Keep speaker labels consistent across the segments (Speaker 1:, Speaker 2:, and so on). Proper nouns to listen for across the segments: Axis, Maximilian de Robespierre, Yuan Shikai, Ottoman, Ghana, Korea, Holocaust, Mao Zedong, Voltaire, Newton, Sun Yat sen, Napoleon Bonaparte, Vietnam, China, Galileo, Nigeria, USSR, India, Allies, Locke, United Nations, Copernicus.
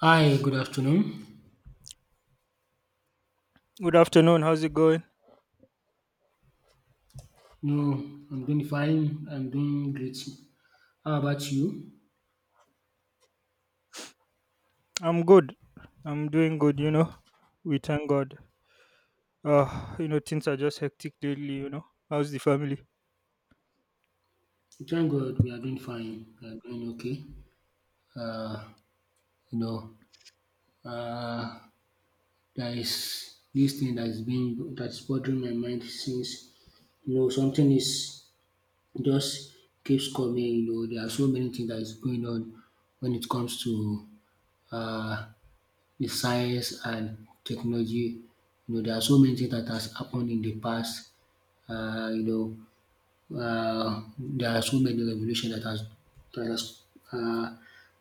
Speaker 1: Hi, good afternoon.
Speaker 2: Good afternoon. How's it going?
Speaker 1: No, I'm doing fine. I'm doing great. How about you?
Speaker 2: I'm good. I'm doing good, you know. We thank God. Things are just hectic lately, you know. How's the family?
Speaker 1: Thank God we are doing fine. We are doing okay. Uh, you know, uh, there is this thing that's bothering my mind since you know something is just keeps coming, you know, there are so many things that is going on when it comes to uh, the science and technology. You know, there are so many things that has happened in the past. Uh, you there are so many revolution that has uh,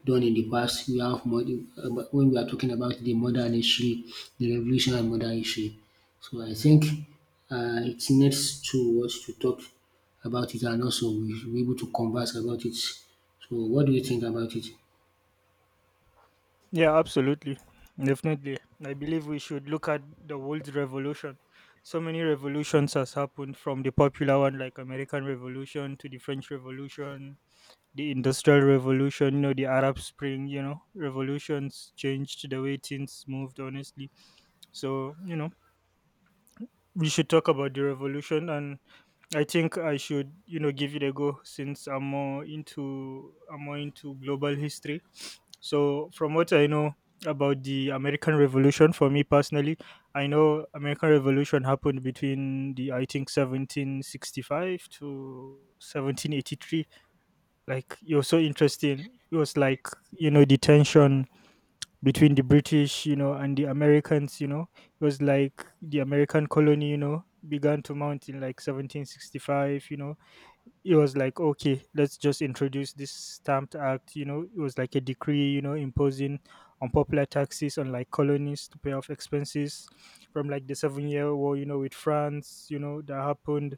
Speaker 1: done in the past. But when we are talking about the modern history, the revolution and modern history. So I think it needs to us to talk about it and also we will be able to converse about it. So what do you think about it?
Speaker 2: Yeah, absolutely. Definitely. I believe we should look at the world's revolution. So many revolutions has happened from the popular one like American Revolution to the French Revolution, the Industrial Revolution, you know, the Arab Spring, you know. Revolutions changed the way things moved honestly. So, you know, we should talk about the revolution, and I think I should, you know, give it a go since I'm more into global history. So from what I know about the American Revolution, for me personally, I know American Revolution happened between, the, I think, 1765 to 1783. Like it was so interesting. It was like, you know, the tension between the British, you know, and the Americans. You know, it was like the American colony, you know, began to mount in like 1765. You know, it was like, okay, let's just introduce this stamped act. You know, it was like a decree, you know, imposing unpopular taxes on like colonies to pay off expenses from like the 7-year war, you know, with France, you know, that happened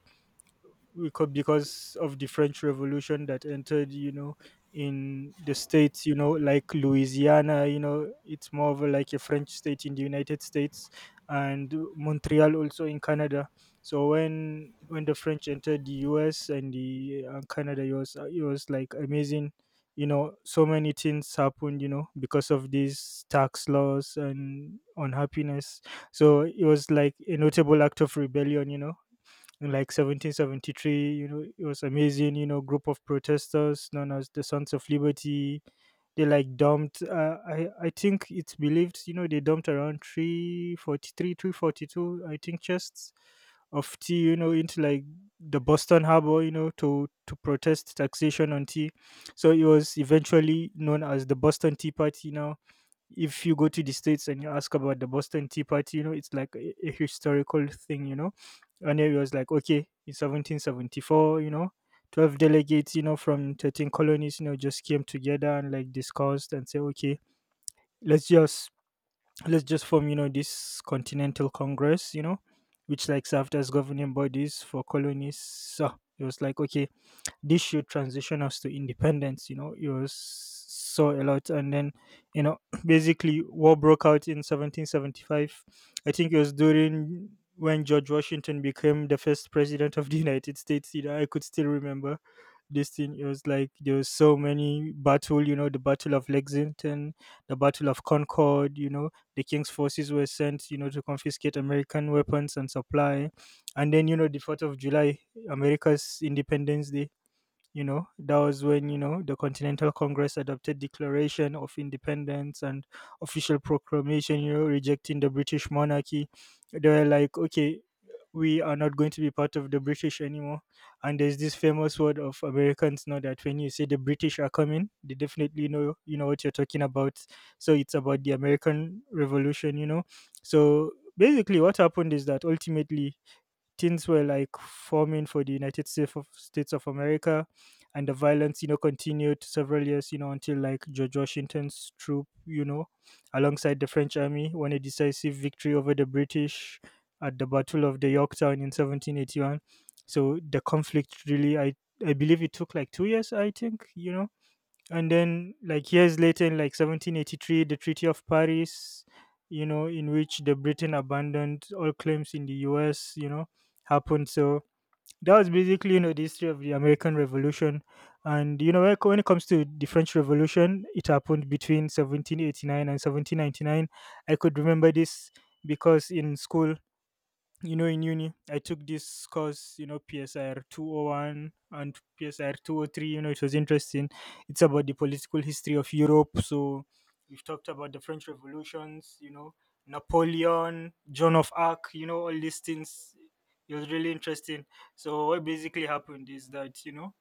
Speaker 2: because of the French Revolution that entered, you know, in the states, you know, like Louisiana. You know, it's more of a, like a French state in the United States, and Montreal also in Canada. So when the French entered the U.S. and the Canada, it was like amazing. You know, so many things happened. You know, because of these tax laws and unhappiness. So it was like a notable act of rebellion. You know, in like 1773, you know, it was amazing. You know, group of protesters known as the sons of liberty, they like dumped I think it's believed, you know, they dumped around 343 342, I think, chests of tea, you know, into like the Boston harbor, you know, to protest taxation on tea. So it was eventually known as the Boston Tea Party. Now if you go to the states and you ask about the Boston Tea Party, you know, it's like a historical thing, you know. And it was like, okay, in 1774, you know, 12 delegates, you know, from 13 colonies, you know, just came together and like discussed and say, okay, let's just let's just form, you know, this continental congress, you know, which like served as governing bodies for colonies. So it was like, okay, this should transition us to independence. You know, it was so a lot, and then, you know, basically war broke out in 1775. I think it was during when George Washington became the first president of the United States. You know, I could still remember this thing. It was like there was so many battle, you know, the battle of Lexington, the battle of Concord, you know, the king's forces were sent, you know, to confiscate American weapons and supply. And then, you know, the 4th of July, America's independence day, you know, that was when, you know, the continental congress adopted declaration of independence and official proclamation, you know, rejecting the British monarchy. They were like, okay, we are not going to be part of the British anymore. And there's this famous word of Americans now that when you say the British are coming, they definitely know, you know, what you're talking about. So it's about the American Revolution, you know. So basically what happened is that ultimately things were like forming for the United States of America, and the violence, you know, continued several years, you know, until like George Washington's troop, you know, alongside the French army, won a decisive victory over the British at the Battle of the Yorktown in 1781. So the conflict really, I believe it took like 2 years, I think, you know, and then like years later, in like 1783, the treaty of Paris, you know, in which the Britain abandoned all claims in the US, you know, happened. So that was basically, you know, the history of the American Revolution. And you know, when it comes to the French Revolution, it happened between 1789 and 1799. I could remember this because in school, you know, in uni I took this course, you know, PSR 201 and PSR 203. You know, it was interesting. It's about the political history of Europe. So we've talked about the French Revolutions, you know, Napoleon, Joan of Arc, you know, all these things. It was really interesting. So what basically happened is that, you know,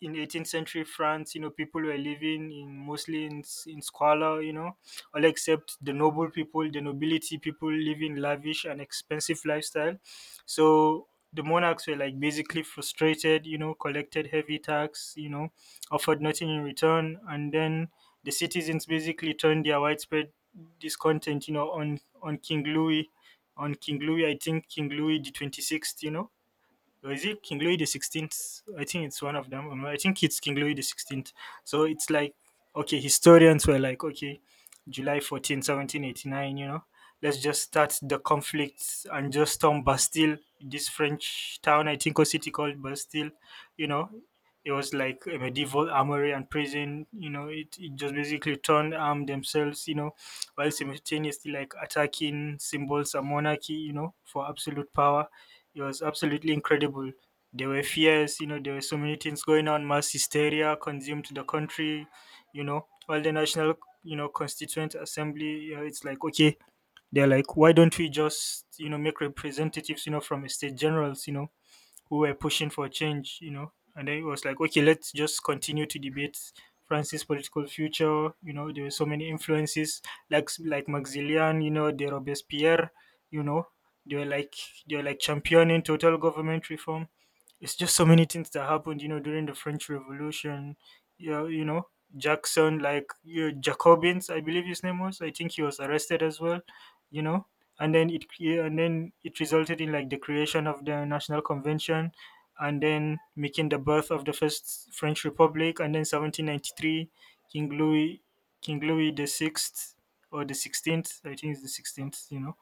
Speaker 2: in 18th century France, you know, people were living in mostly in, in squalor, you know, all except the noble people, the nobility people living lavish and expensive lifestyle. So the monarchs were like basically frustrated, you know, collected heavy tax, you know, offered nothing in return, and then the citizens basically turned their widespread discontent, you know, on King Louis, I think King Louis the 26th, you know, or is it King Louis the 16th? I think it's one of them. I think it's King Louis the 16th. So it's like, okay, historians were like, okay, July 14, 1789, you know, let's just start the conflict and just storm Bastille, this French town, I think, or city called Bastille. You know, it was like a medieval armory and prison. You know, it just basically turned armed themselves, you know, while simultaneously like attacking symbols of monarchy. You know, for absolute power it was absolutely incredible. There were fears, you know, there were so many things going on. Mass hysteria consumed the country, you know, all the national, you know, constituent assembly. You know, it's like, okay, they're like, why don't we just, you know, make representatives, you know, from state generals, you know, who were pushing for change, you know. And then it was like, okay, let's just continue to debate France's political future. You know, there were so many influences, like Maximilian, you know, de Robespierre, you know, they were like they were like championing total government reform. It's just so many things that happened, you know, during the French Revolution. Yeah, you know, Jackson, like, you know, Jacobins, I believe his name was. I think he was arrested as well. You know, and then and then it resulted in like the creation of the national convention, and then making the birth of the first French republic. And then 1793, king louis king Louis, the sixth, or the 16th, I think it's the 16th, you know,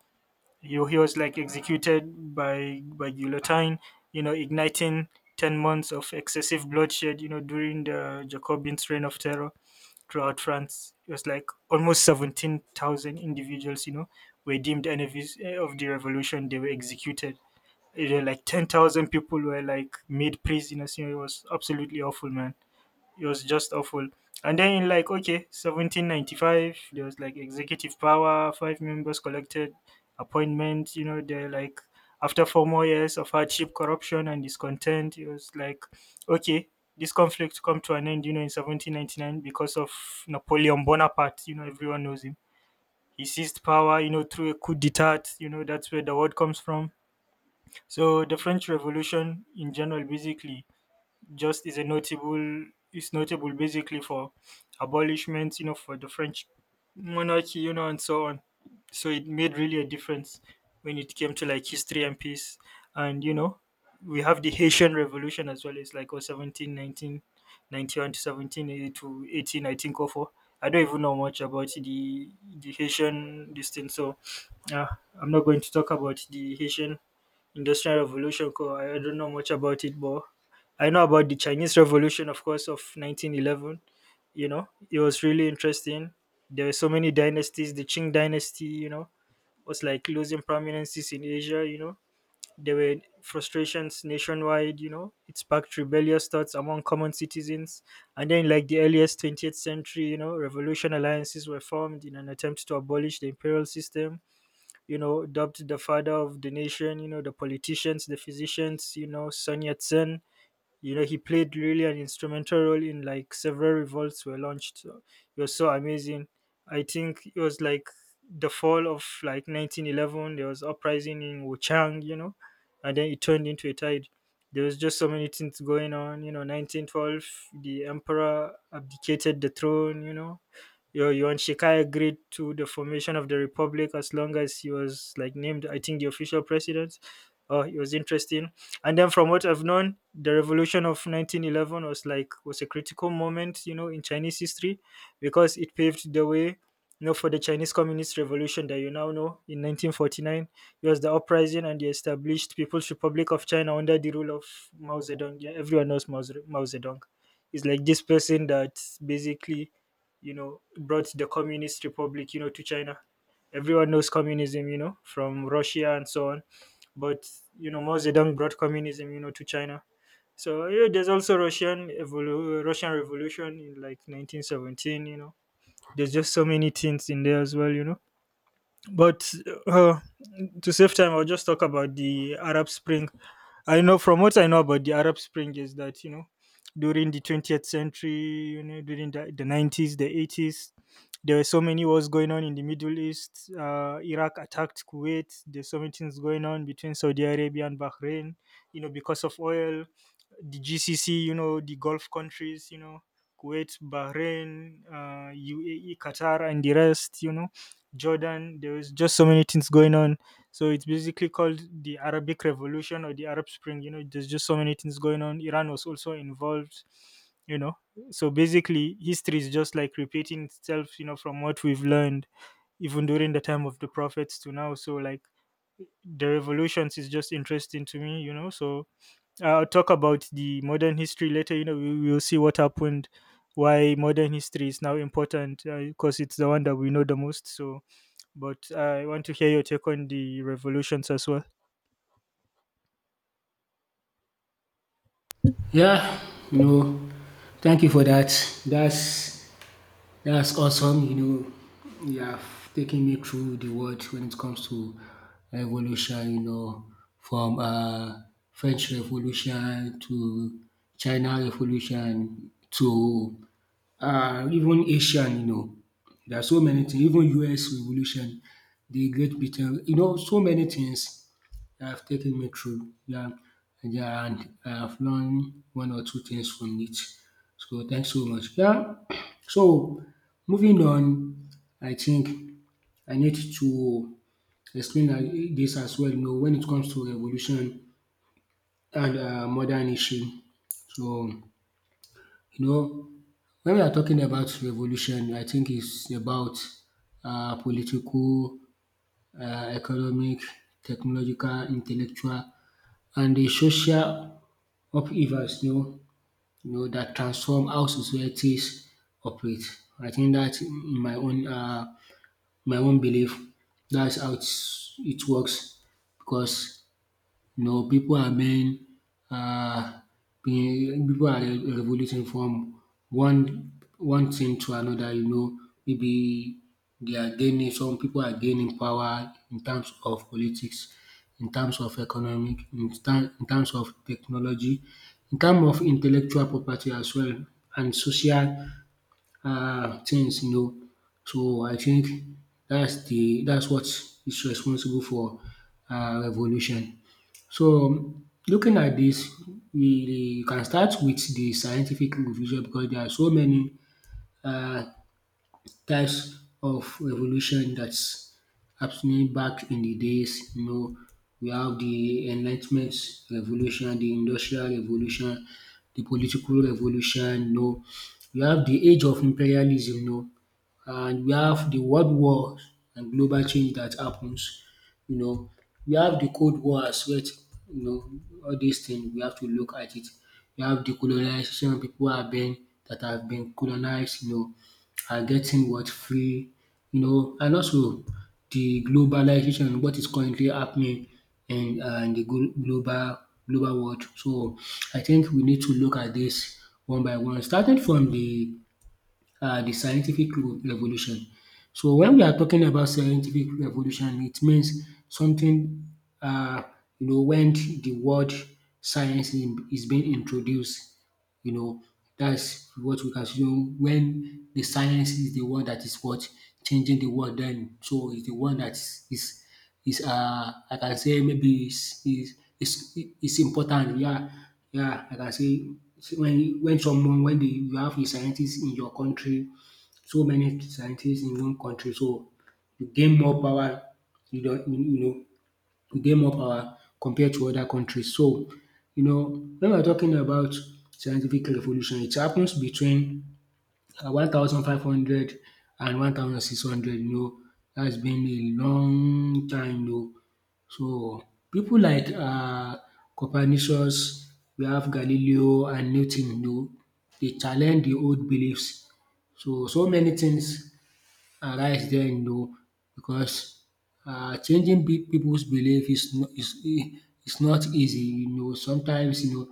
Speaker 2: he was like executed by guillotine, you know, igniting 10 months of excessive bloodshed, you know, during the Jacobin's reign of terror throughout France. It was like almost 17,000 individuals, you know, were deemed enemies of the revolution. They were executed. It was like 10,000 people were like made prisoners. You know, it was absolutely awful, man. It was just awful. And then in like, okay, 1795, there was like executive power, five members collected appointment. You know, they're like, after four more years of hardship, corruption, and discontent, it was like, okay, this conflict come to an end. You know, in 1799, because of Napoleon Bonaparte. You know, everyone knows him. He seized power, you know, through a coup d'état. You know, that's where the word comes from. So the French Revolution in general, basically just is a notable basically for abolishment, you know, for the French monarchy, you know, and so on. So it made really a difference when it came to like history and peace. And you know, we have the Haitian Revolution as well. It's like, oh, 17, 19, 91 to 17 80 to 18, I think, or four. I don't even know much about the Haitian this thing, so uh, I'm not going to talk about the Haitian Industrial Revolution ko. I don't know much about it, but I know about the Chinese Revolution, of course, of 1911. You know, it was really interesting. There were so many dynasties. The Qing dynasty, you know, was like losing prominences in Asia. You know, there were frustrations nationwide. You know, it sparked rebellious thoughts among common citizens. And then, like the earliest 20th century, you know, revolution alliances were formed in an attempt to abolish the imperial system, you know, dubbed the father of the nation, you know, the politicians, the physicians, you know, Sun Yat sen. You know, he played really an instrumental role in like several revolts were launched. So he was so amazing. I think it was like the fall of like 1911, there was uprising in Wuchang, you know, and then it turned into a tide. There was just so many things going on. You know, 1912, the emperor abdicated the throne, you know, Yuan Shikai agreed to the formation of the republic as long as he was like named, I think, the official president. Oh, it was interesting. And then, from what I've known, the revolution of 1911 was a critical moment, you know, in Chinese history, because it paved the way, you know, for the Chinese Communist Revolution that you now know in 1949. It was the uprising and the established People's Republic of China under the rule of Mao Zedong. Yeah, everyone knows Mao Zedong. It's like this person that basically, you know, brought the communist republic, you know, to China. Everyone knows communism, you know, from Russia and so on. But you know, Mao Zedong brought communism, you know, to China. So yeah, there's also Russian Revolution in like 1917. You know, there's just so many things in there as well. You know, but uh, to save time, I'll just talk about the Arab Spring. I know, from what I know about the Arab Spring, is that, you know, during the 20th century, you know, during the 90s, the 80s, there were so many wars going on in the Middle East. Iraq attacked Kuwait. There's so many things going on between Saudi Arabia and Bahrain, you know, because of oil, the GCC. You know, the Gulf countries. You know, Kuwait, Bahrain, UAE, Qatar, and the rest. You know, Jordan. There was just so many things going on, so it's basically called the Arabic Revolution or the Arab Spring. You know, there's just so many things going on. Iran was also involved, you know. So basically, history is just like repeating itself, you know, from what we've learned, even during the time of the prophets to now. So, like, the revolutions is just interesting to me, you know. So I'll talk about the modern history later. You know, we will see what happened, why modern history is now important, because it's the one that we know the most. So but I want to hear your take on the revolutions as well.
Speaker 1: Yeah, you know, thank you for that. That's that's awesome. You know, you have taken me through the world when it comes to revolution, you know, from French Revolution to China Revolution to even Asian, you know. There are so many things, even US Revolution, the Great Britain, you know, so many things that have taken me through. Yeah, yeah, and I have learned one or two things from it. So thanks so much. Yeah, so moving on, I think I need to explain this as well, you know, when it comes to revolution and modern issue. So you know, when we are talking about revolution, I think it's about political, economic, technological, intellectual and the social upheavals, you know, you know, that transform how societies operate. I think that's my own belief. That's how it works because, you know, pipu are being um pipu are revoluting from one one thing to another, you know, maybe they are gaining, some pipu are gaining power in terms of politics, in terms of economic, in terms of technology, in terms of intellectual property as well and social things, you know. So I think that's what is responsible for revolution. So looking at this, we can start with the scientific revision because there are so many um types of revolution that's happening back in the days. You know, we have the Enlightenment Revolution, the Industrial Revolution, the Political Revolution. You know, we have the Age of Imperialism. You know, and we have the World War and global change that happens. You know, we have the Cold War as well. You know, all these things we have to look at it. We have the colonization, people have been that have been colonized, you know, are getting what? Free, you know, and also the globalization, what is currently happening in the global global world. So I think we need to look at this one by one, starting from the scientific revolution. So when we are talking about scientific revolution, it means something uh, you know, when the word science is being introduced. You know, that's what we can say, when the science is the one that is what changing the world. Then so is the one that is is I can say, maybe is important. Yeah, yeah, I can say when someone when dey you have a scientist in your country, so many scientists in one country, so you gain more power. You don't you you know, you gain more power compared to other countries. So you know, when we are talking about scientific revolution, it happens between 1500 and 1600. And you know, that's been a long time, you know. So people like Copernicus, we have Galileo and Newton, you know, they challenge the old beliefs. So so many things arise there, you know, because changing big people's belief is no is e is not easy, you know. Sometimes, you know,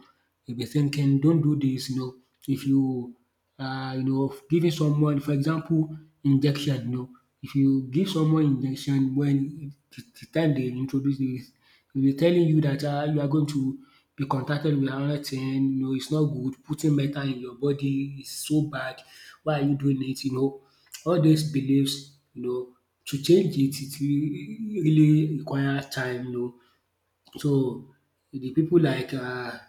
Speaker 1: they be thinking don't do this, you know. If you you know, giving someone, for example, injection, you know, if you give someone injection when the time they introduce this, they be telling you that you are going to be contacted with another thing, you know, it's not good, putting metal in your body is so bad, why are you doing it, you know, all these beliefs, you know, to change it, really require time, you know. So the pipu like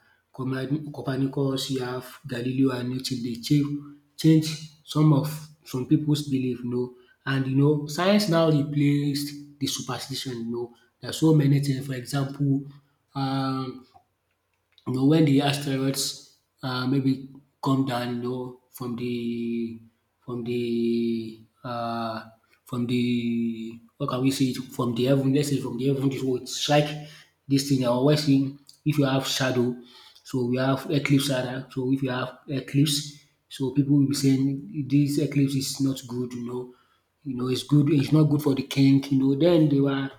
Speaker 1: Copernicus, you have Galileo and Newton dey change some of some pipus belief, you know, and you know, science now replaced the superstition, you know. Na so many thing, for example, um you know, when the asteroids maybe come down, you know, from the from the from the, what can we say it, from the heaven? Let's say from the heaven, it will strike this thing. I always see, if you have shadow, so we have eclipse rather. So if you have eclipse, so people will be saying this eclipse is not good, you know, you know, it's good, it's not good for the king, you know. Then they were,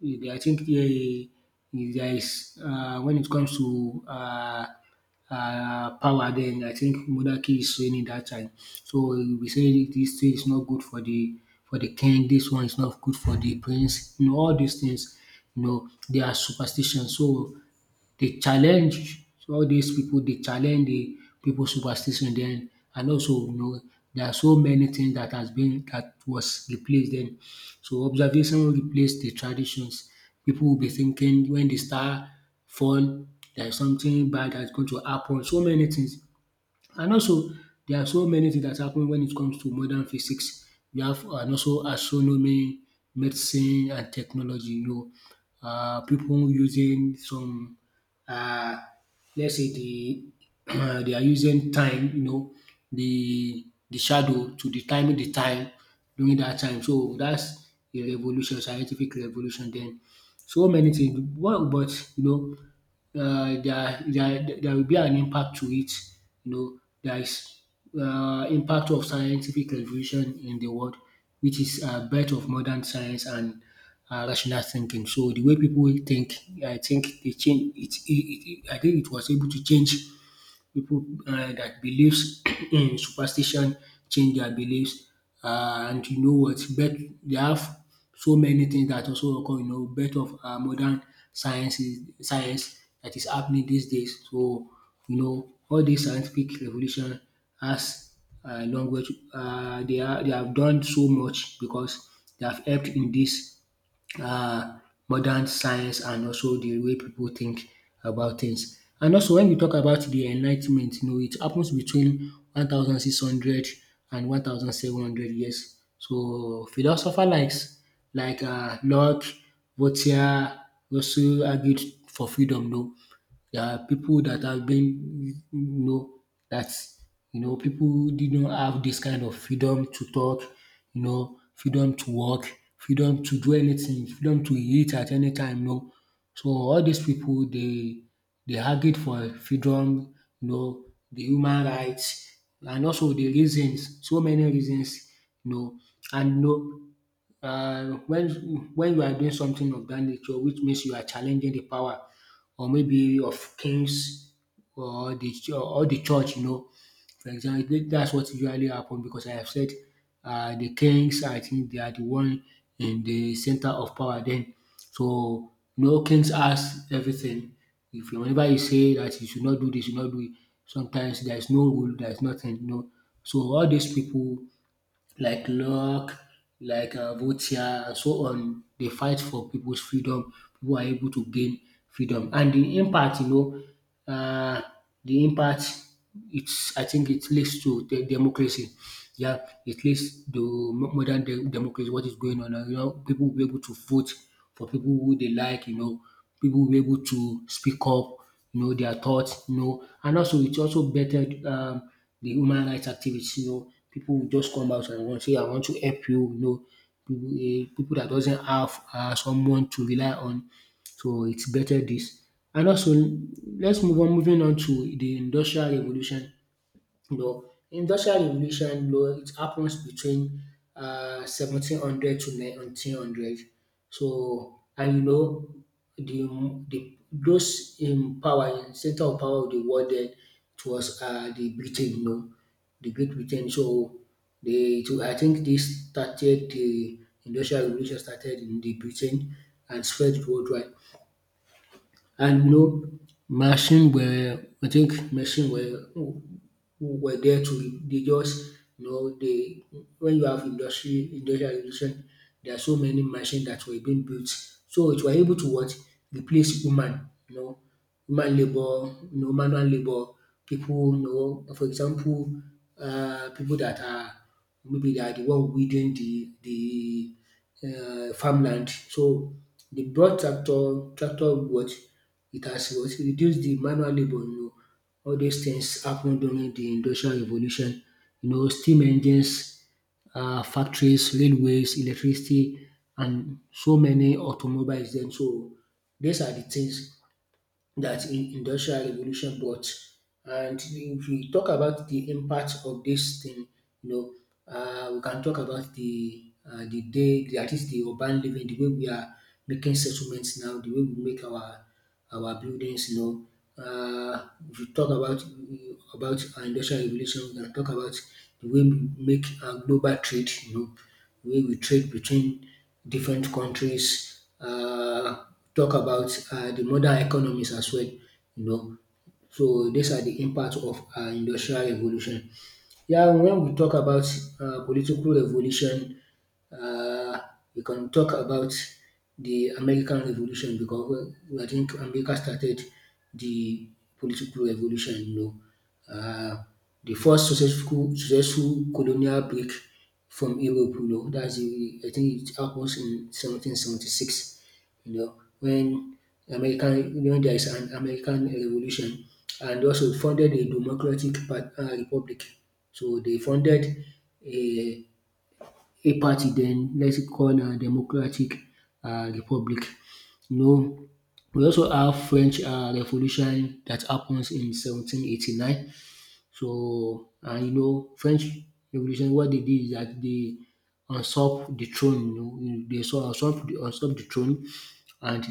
Speaker 1: they, I think they, there is, when it comes to power, then I think monarchy is reigning that time. So we say this thing is not good for the king, this one is not good for the prince, you know, all these things, you know, they are superstitions. So they challenge all these people. They challenge the pipu superstition then, and also you know, there are so many things that has been that was replaced then. So observation replaced the traditions. People will be thinking when the star fall, there is something bad that is going to happen, so many things. And also, there are so many things that happen when it comes to modern physics. We have and also astronomy, medicine and technology, you know. Pipu using some um let's say the they are using time, you know, the shadow to determine the time during that time. So that's a revolution, scientific revolution. Then, so many things. What, but you know, there will be an impact to it. You know, there is impact of scientific revolution in the world, which is birth of modern science and rational thinking. So the way people think, I think they change it, I think it was able to change people that believes in superstition, change their beliefs, and you know what birth they have, so many things that also occur, you know, birth of modern sciences science that is happening these days. So you know, all this scientific revolution has long way to, they are they have done so much because they have helped in this uh, modern science and also the way people think about things. And also when we talk about the enlightenment, you know, it happens between 1600 and 1700 years. So philosopher likes Locke, Voltaire also argued for freedom, no, there are people that have been, you know, that, you know, people didn't have this kind of freedom to talk, you know, freedom to work, freedom to do anything, freedom to eat at any time, you know. So all these people, they argued for freedom, you know, the human rights, and also the reasons, so many reasons, you know, and you know, uh, when when you are doing something of that nature, which means you are challenging the power or maybe of kings or or the church, you know, for example, that's what usually happen because I have said, the kings, I think they are the one in the center of power then, so no kings ask everything, if you whenever you say that you should not do this, you should not do it. Sometimes there is no rule, there is nothing, you know. So all these people like Locke, like Voltaire, and so on, they fight for people's freedom. People are able to gain freedom. And the impact, you know, the impact it's, I think it leads to the democracy. Yeah, it leads to modern democracy. What is going on now? You know, people will be able to vote for people who they like. You know, people will be able to speak up, you know, their thoughts. You know, and also it also better, the human rights activists. You know, people will just come out and want say, "I want to help you." You know, people, eh, people that doesn't have someone to rely on, so it's better this. And also, let's move on moving on to the industrial revolution. You know, Industrial revolution, it happens between 1700 to 1900. So and the those in power in center of power of the world then, it was the Britain. The Great Britain. So they to, I think, this started the industrial revolution, started in the Britain and spread worldwide. And machine were there to, they just, they, when you have industry industrial revolution, there are so many machines that were being built. So it were able to what replace human, human labour, manual labour, people, for example, people that are, maybe they are the one weeding the farmland. So they brought tractor, what it has, what reduced the manual labour, All those things happened during the industrial revolution. Steam engines, factories, railways, electricity and so many automobiles then. So these are the things that in industrial revolution brought. And if we talk about the impact of this thing, you know, we can talk about the day, that is the urban living, the way we are making settlements now, the way we make our buildings, If we talk about our industrial revolution, we can talk about the way we make our global trade, the way we trade between different countries, talk about the modern economies as well, you know. So these are the impact of industrial revolution. Yeah, when we talk about political revolution, uh, we can talk about the American Revolution because I think America started the political revolution. Uh, the first successful colonial break from Europe. You know, that's the, I think it happens in 1776. You know, when American when there is an American Revolution, and also founded a democratic republic. So they founded a party, then let's call a democratic republic. You know we also have French revolution that happens in 1789. So, and French revolution, what they did is that they usurped the throne. They dey usurped the throne, and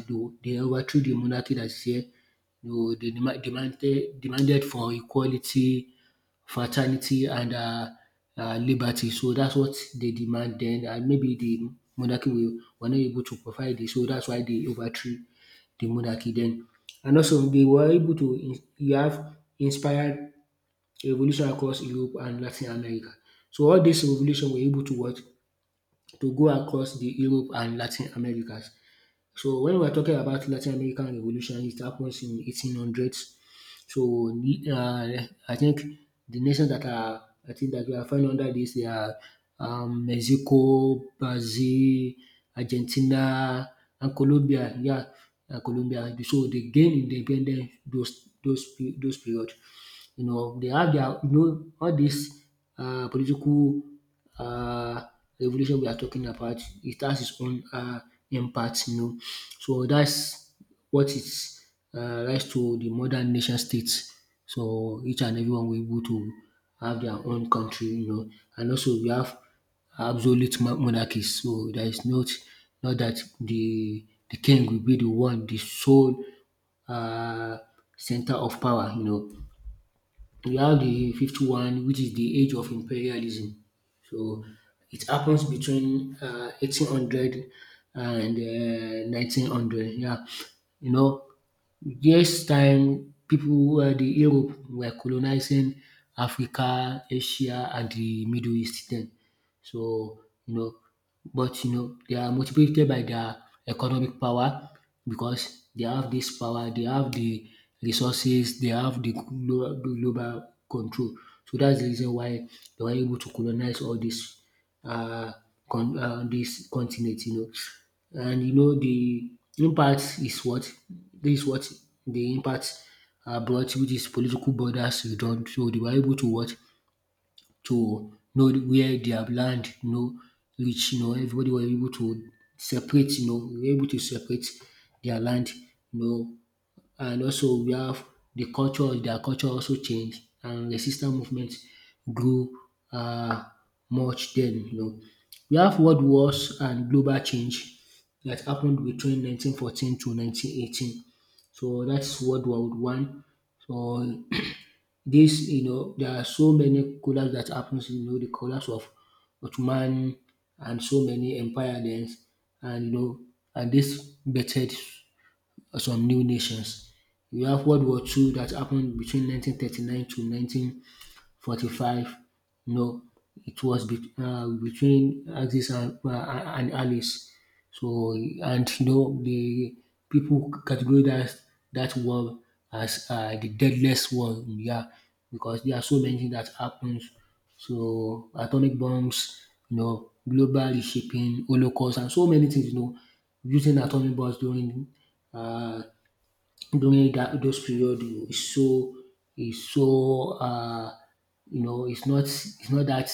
Speaker 1: they overthrow de monarchy dat is here. They demanded for equality, fraternity and liberty. So that's what they demand. Then, and maybe the monarchy, were not able to provide this. So that's why they overthrew the monarchy then. And also they were able to you have inspired a revolution across Europe and Latin America. So all this revolution were able to what, to go across the Europe and Latin Americas. So when we're talking about Latin American revolution, it happens in 1800s. So, I think the nations that are, I think, that we are falling under this, they are Mexico, Brazil, Argentina and Colombia, yeah, and Colombia. So they gain independence those those period. They have their, all this political um revolution we are talking about, it has its own impact, So that's what is rise to the modern nation states. So each and everyone were able to have their own country, and also we have absolute monarchies. So there is not that the king will be the one, the sole uh, center of power. We have the 51, which is the age of imperialism. So it happens between 1800 and 1900. Yeah, you know, this time people, the Europe were colonizing Africa, Asia and the Middle East then. So, you know, but they are motivated by their economic power, because they have this power, they have the resources, they have global control. So that's the reason why they were able to colonize all this, uh, this continent, And the impact is what, this is what the impact, brought, which is political borders redone. So they were able to what, to know where they have land, reach, everybody was able to separate, were able to separate their land, know and also we have their culture also changed, and resistance movement grew um much then, We have world wars and global change that happened between 1914 to 1918. So that's world war one. So, this there are so many collapse that happens, the collapse of Ottoman and so many empire then. And this birthed some new nations. You have World War Two that happened between 1939 to 1945. No, it was between Axis and, Allies. So, and the people categorize that war as the deadliest war. Yeah, because there are so many things that happens. So, atomic bombs, global reshaping, Holocaust, and so many things. Using atomic bombs during, uh, during that those period, you, is so, is so um it's not that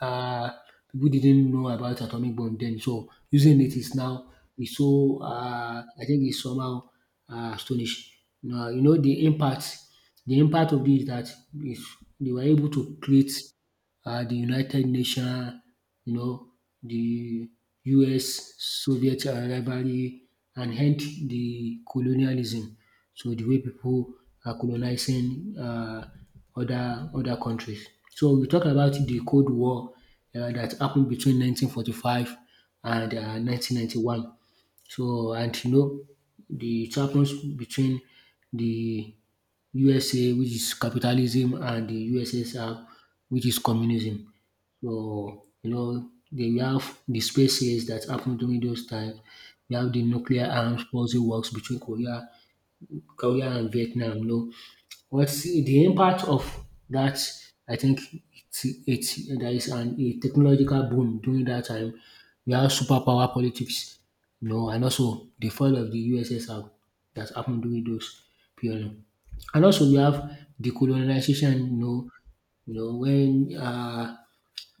Speaker 1: um people didn't know about atomic bomb then, so using it is now, is so I think, is somehow astonish. Now, the impact, of this is that, is they were able to create the United Nations, you know, the US Soviet rivalry, and hence the colonialism. So the way people are colonizing, other countries. So we talk about the Cold War, that happened between 1945 and 1991. So, and the it happens between the USA, which is capitalism, and the USSR, which is communism. So, they we have the spaces that happened during those times. We have the nuclear arms policy works between Korea and Vietnam. No. Well, see, the impact of that, I think it's there is a technological boom during that time. We have superpower politics, and also the fall of the USSR that happened during those period. And also we have decolonization, when uh,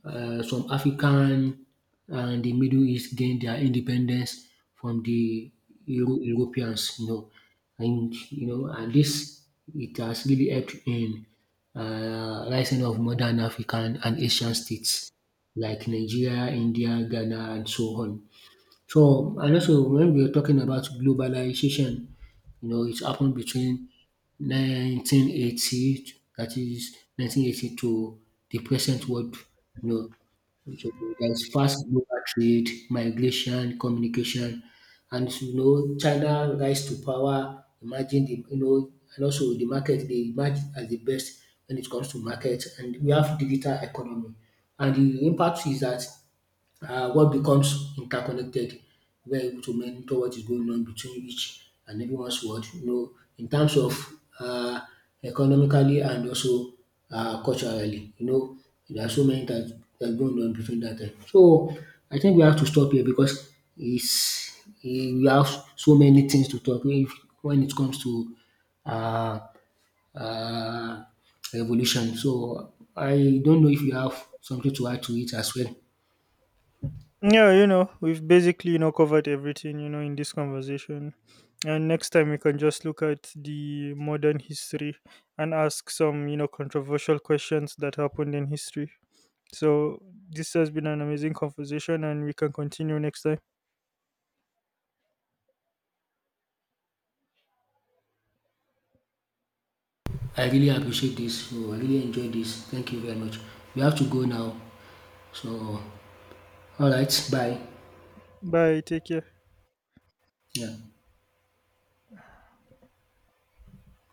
Speaker 1: uh, some African and the Middle East gained their independence from the Europeans, and this, it has really helped in rising of modern African and Asian states like Nigeria, India, Ghana, and so on. So, and also when we were talking about globalization, it happened between 1980, that is 1980 to the present world, So there's fast global trade, migration, communication, and, China rise to power. Imagine the, and also the market, they emerge as the best when it comes to market, and we have digital economy. And the impact is that, what, becomes interconnected, we're able to monitor what is going on between each and everyone's world, in terms of, uh, economically and also culturally. There are so many that are going on between that time. So I think we have to stop here because it's, we have so many things to talk if, when it comes to, uh, uh, evolution. So I don't know if you have something to add to it as well.
Speaker 2: Yeah, you know, we've basically, you know, covered everything, you know, in this conversation. And next time we can just look at the modern history and ask some, you know, controversial questions that happened in history. So this has been an amazing conversation and we can continue next time.
Speaker 1: I really appreciate this. So I really enjoyed this. Thank you very much. We have to go now. So, all right. Bye.
Speaker 2: Bye, take care.
Speaker 1: Yeah.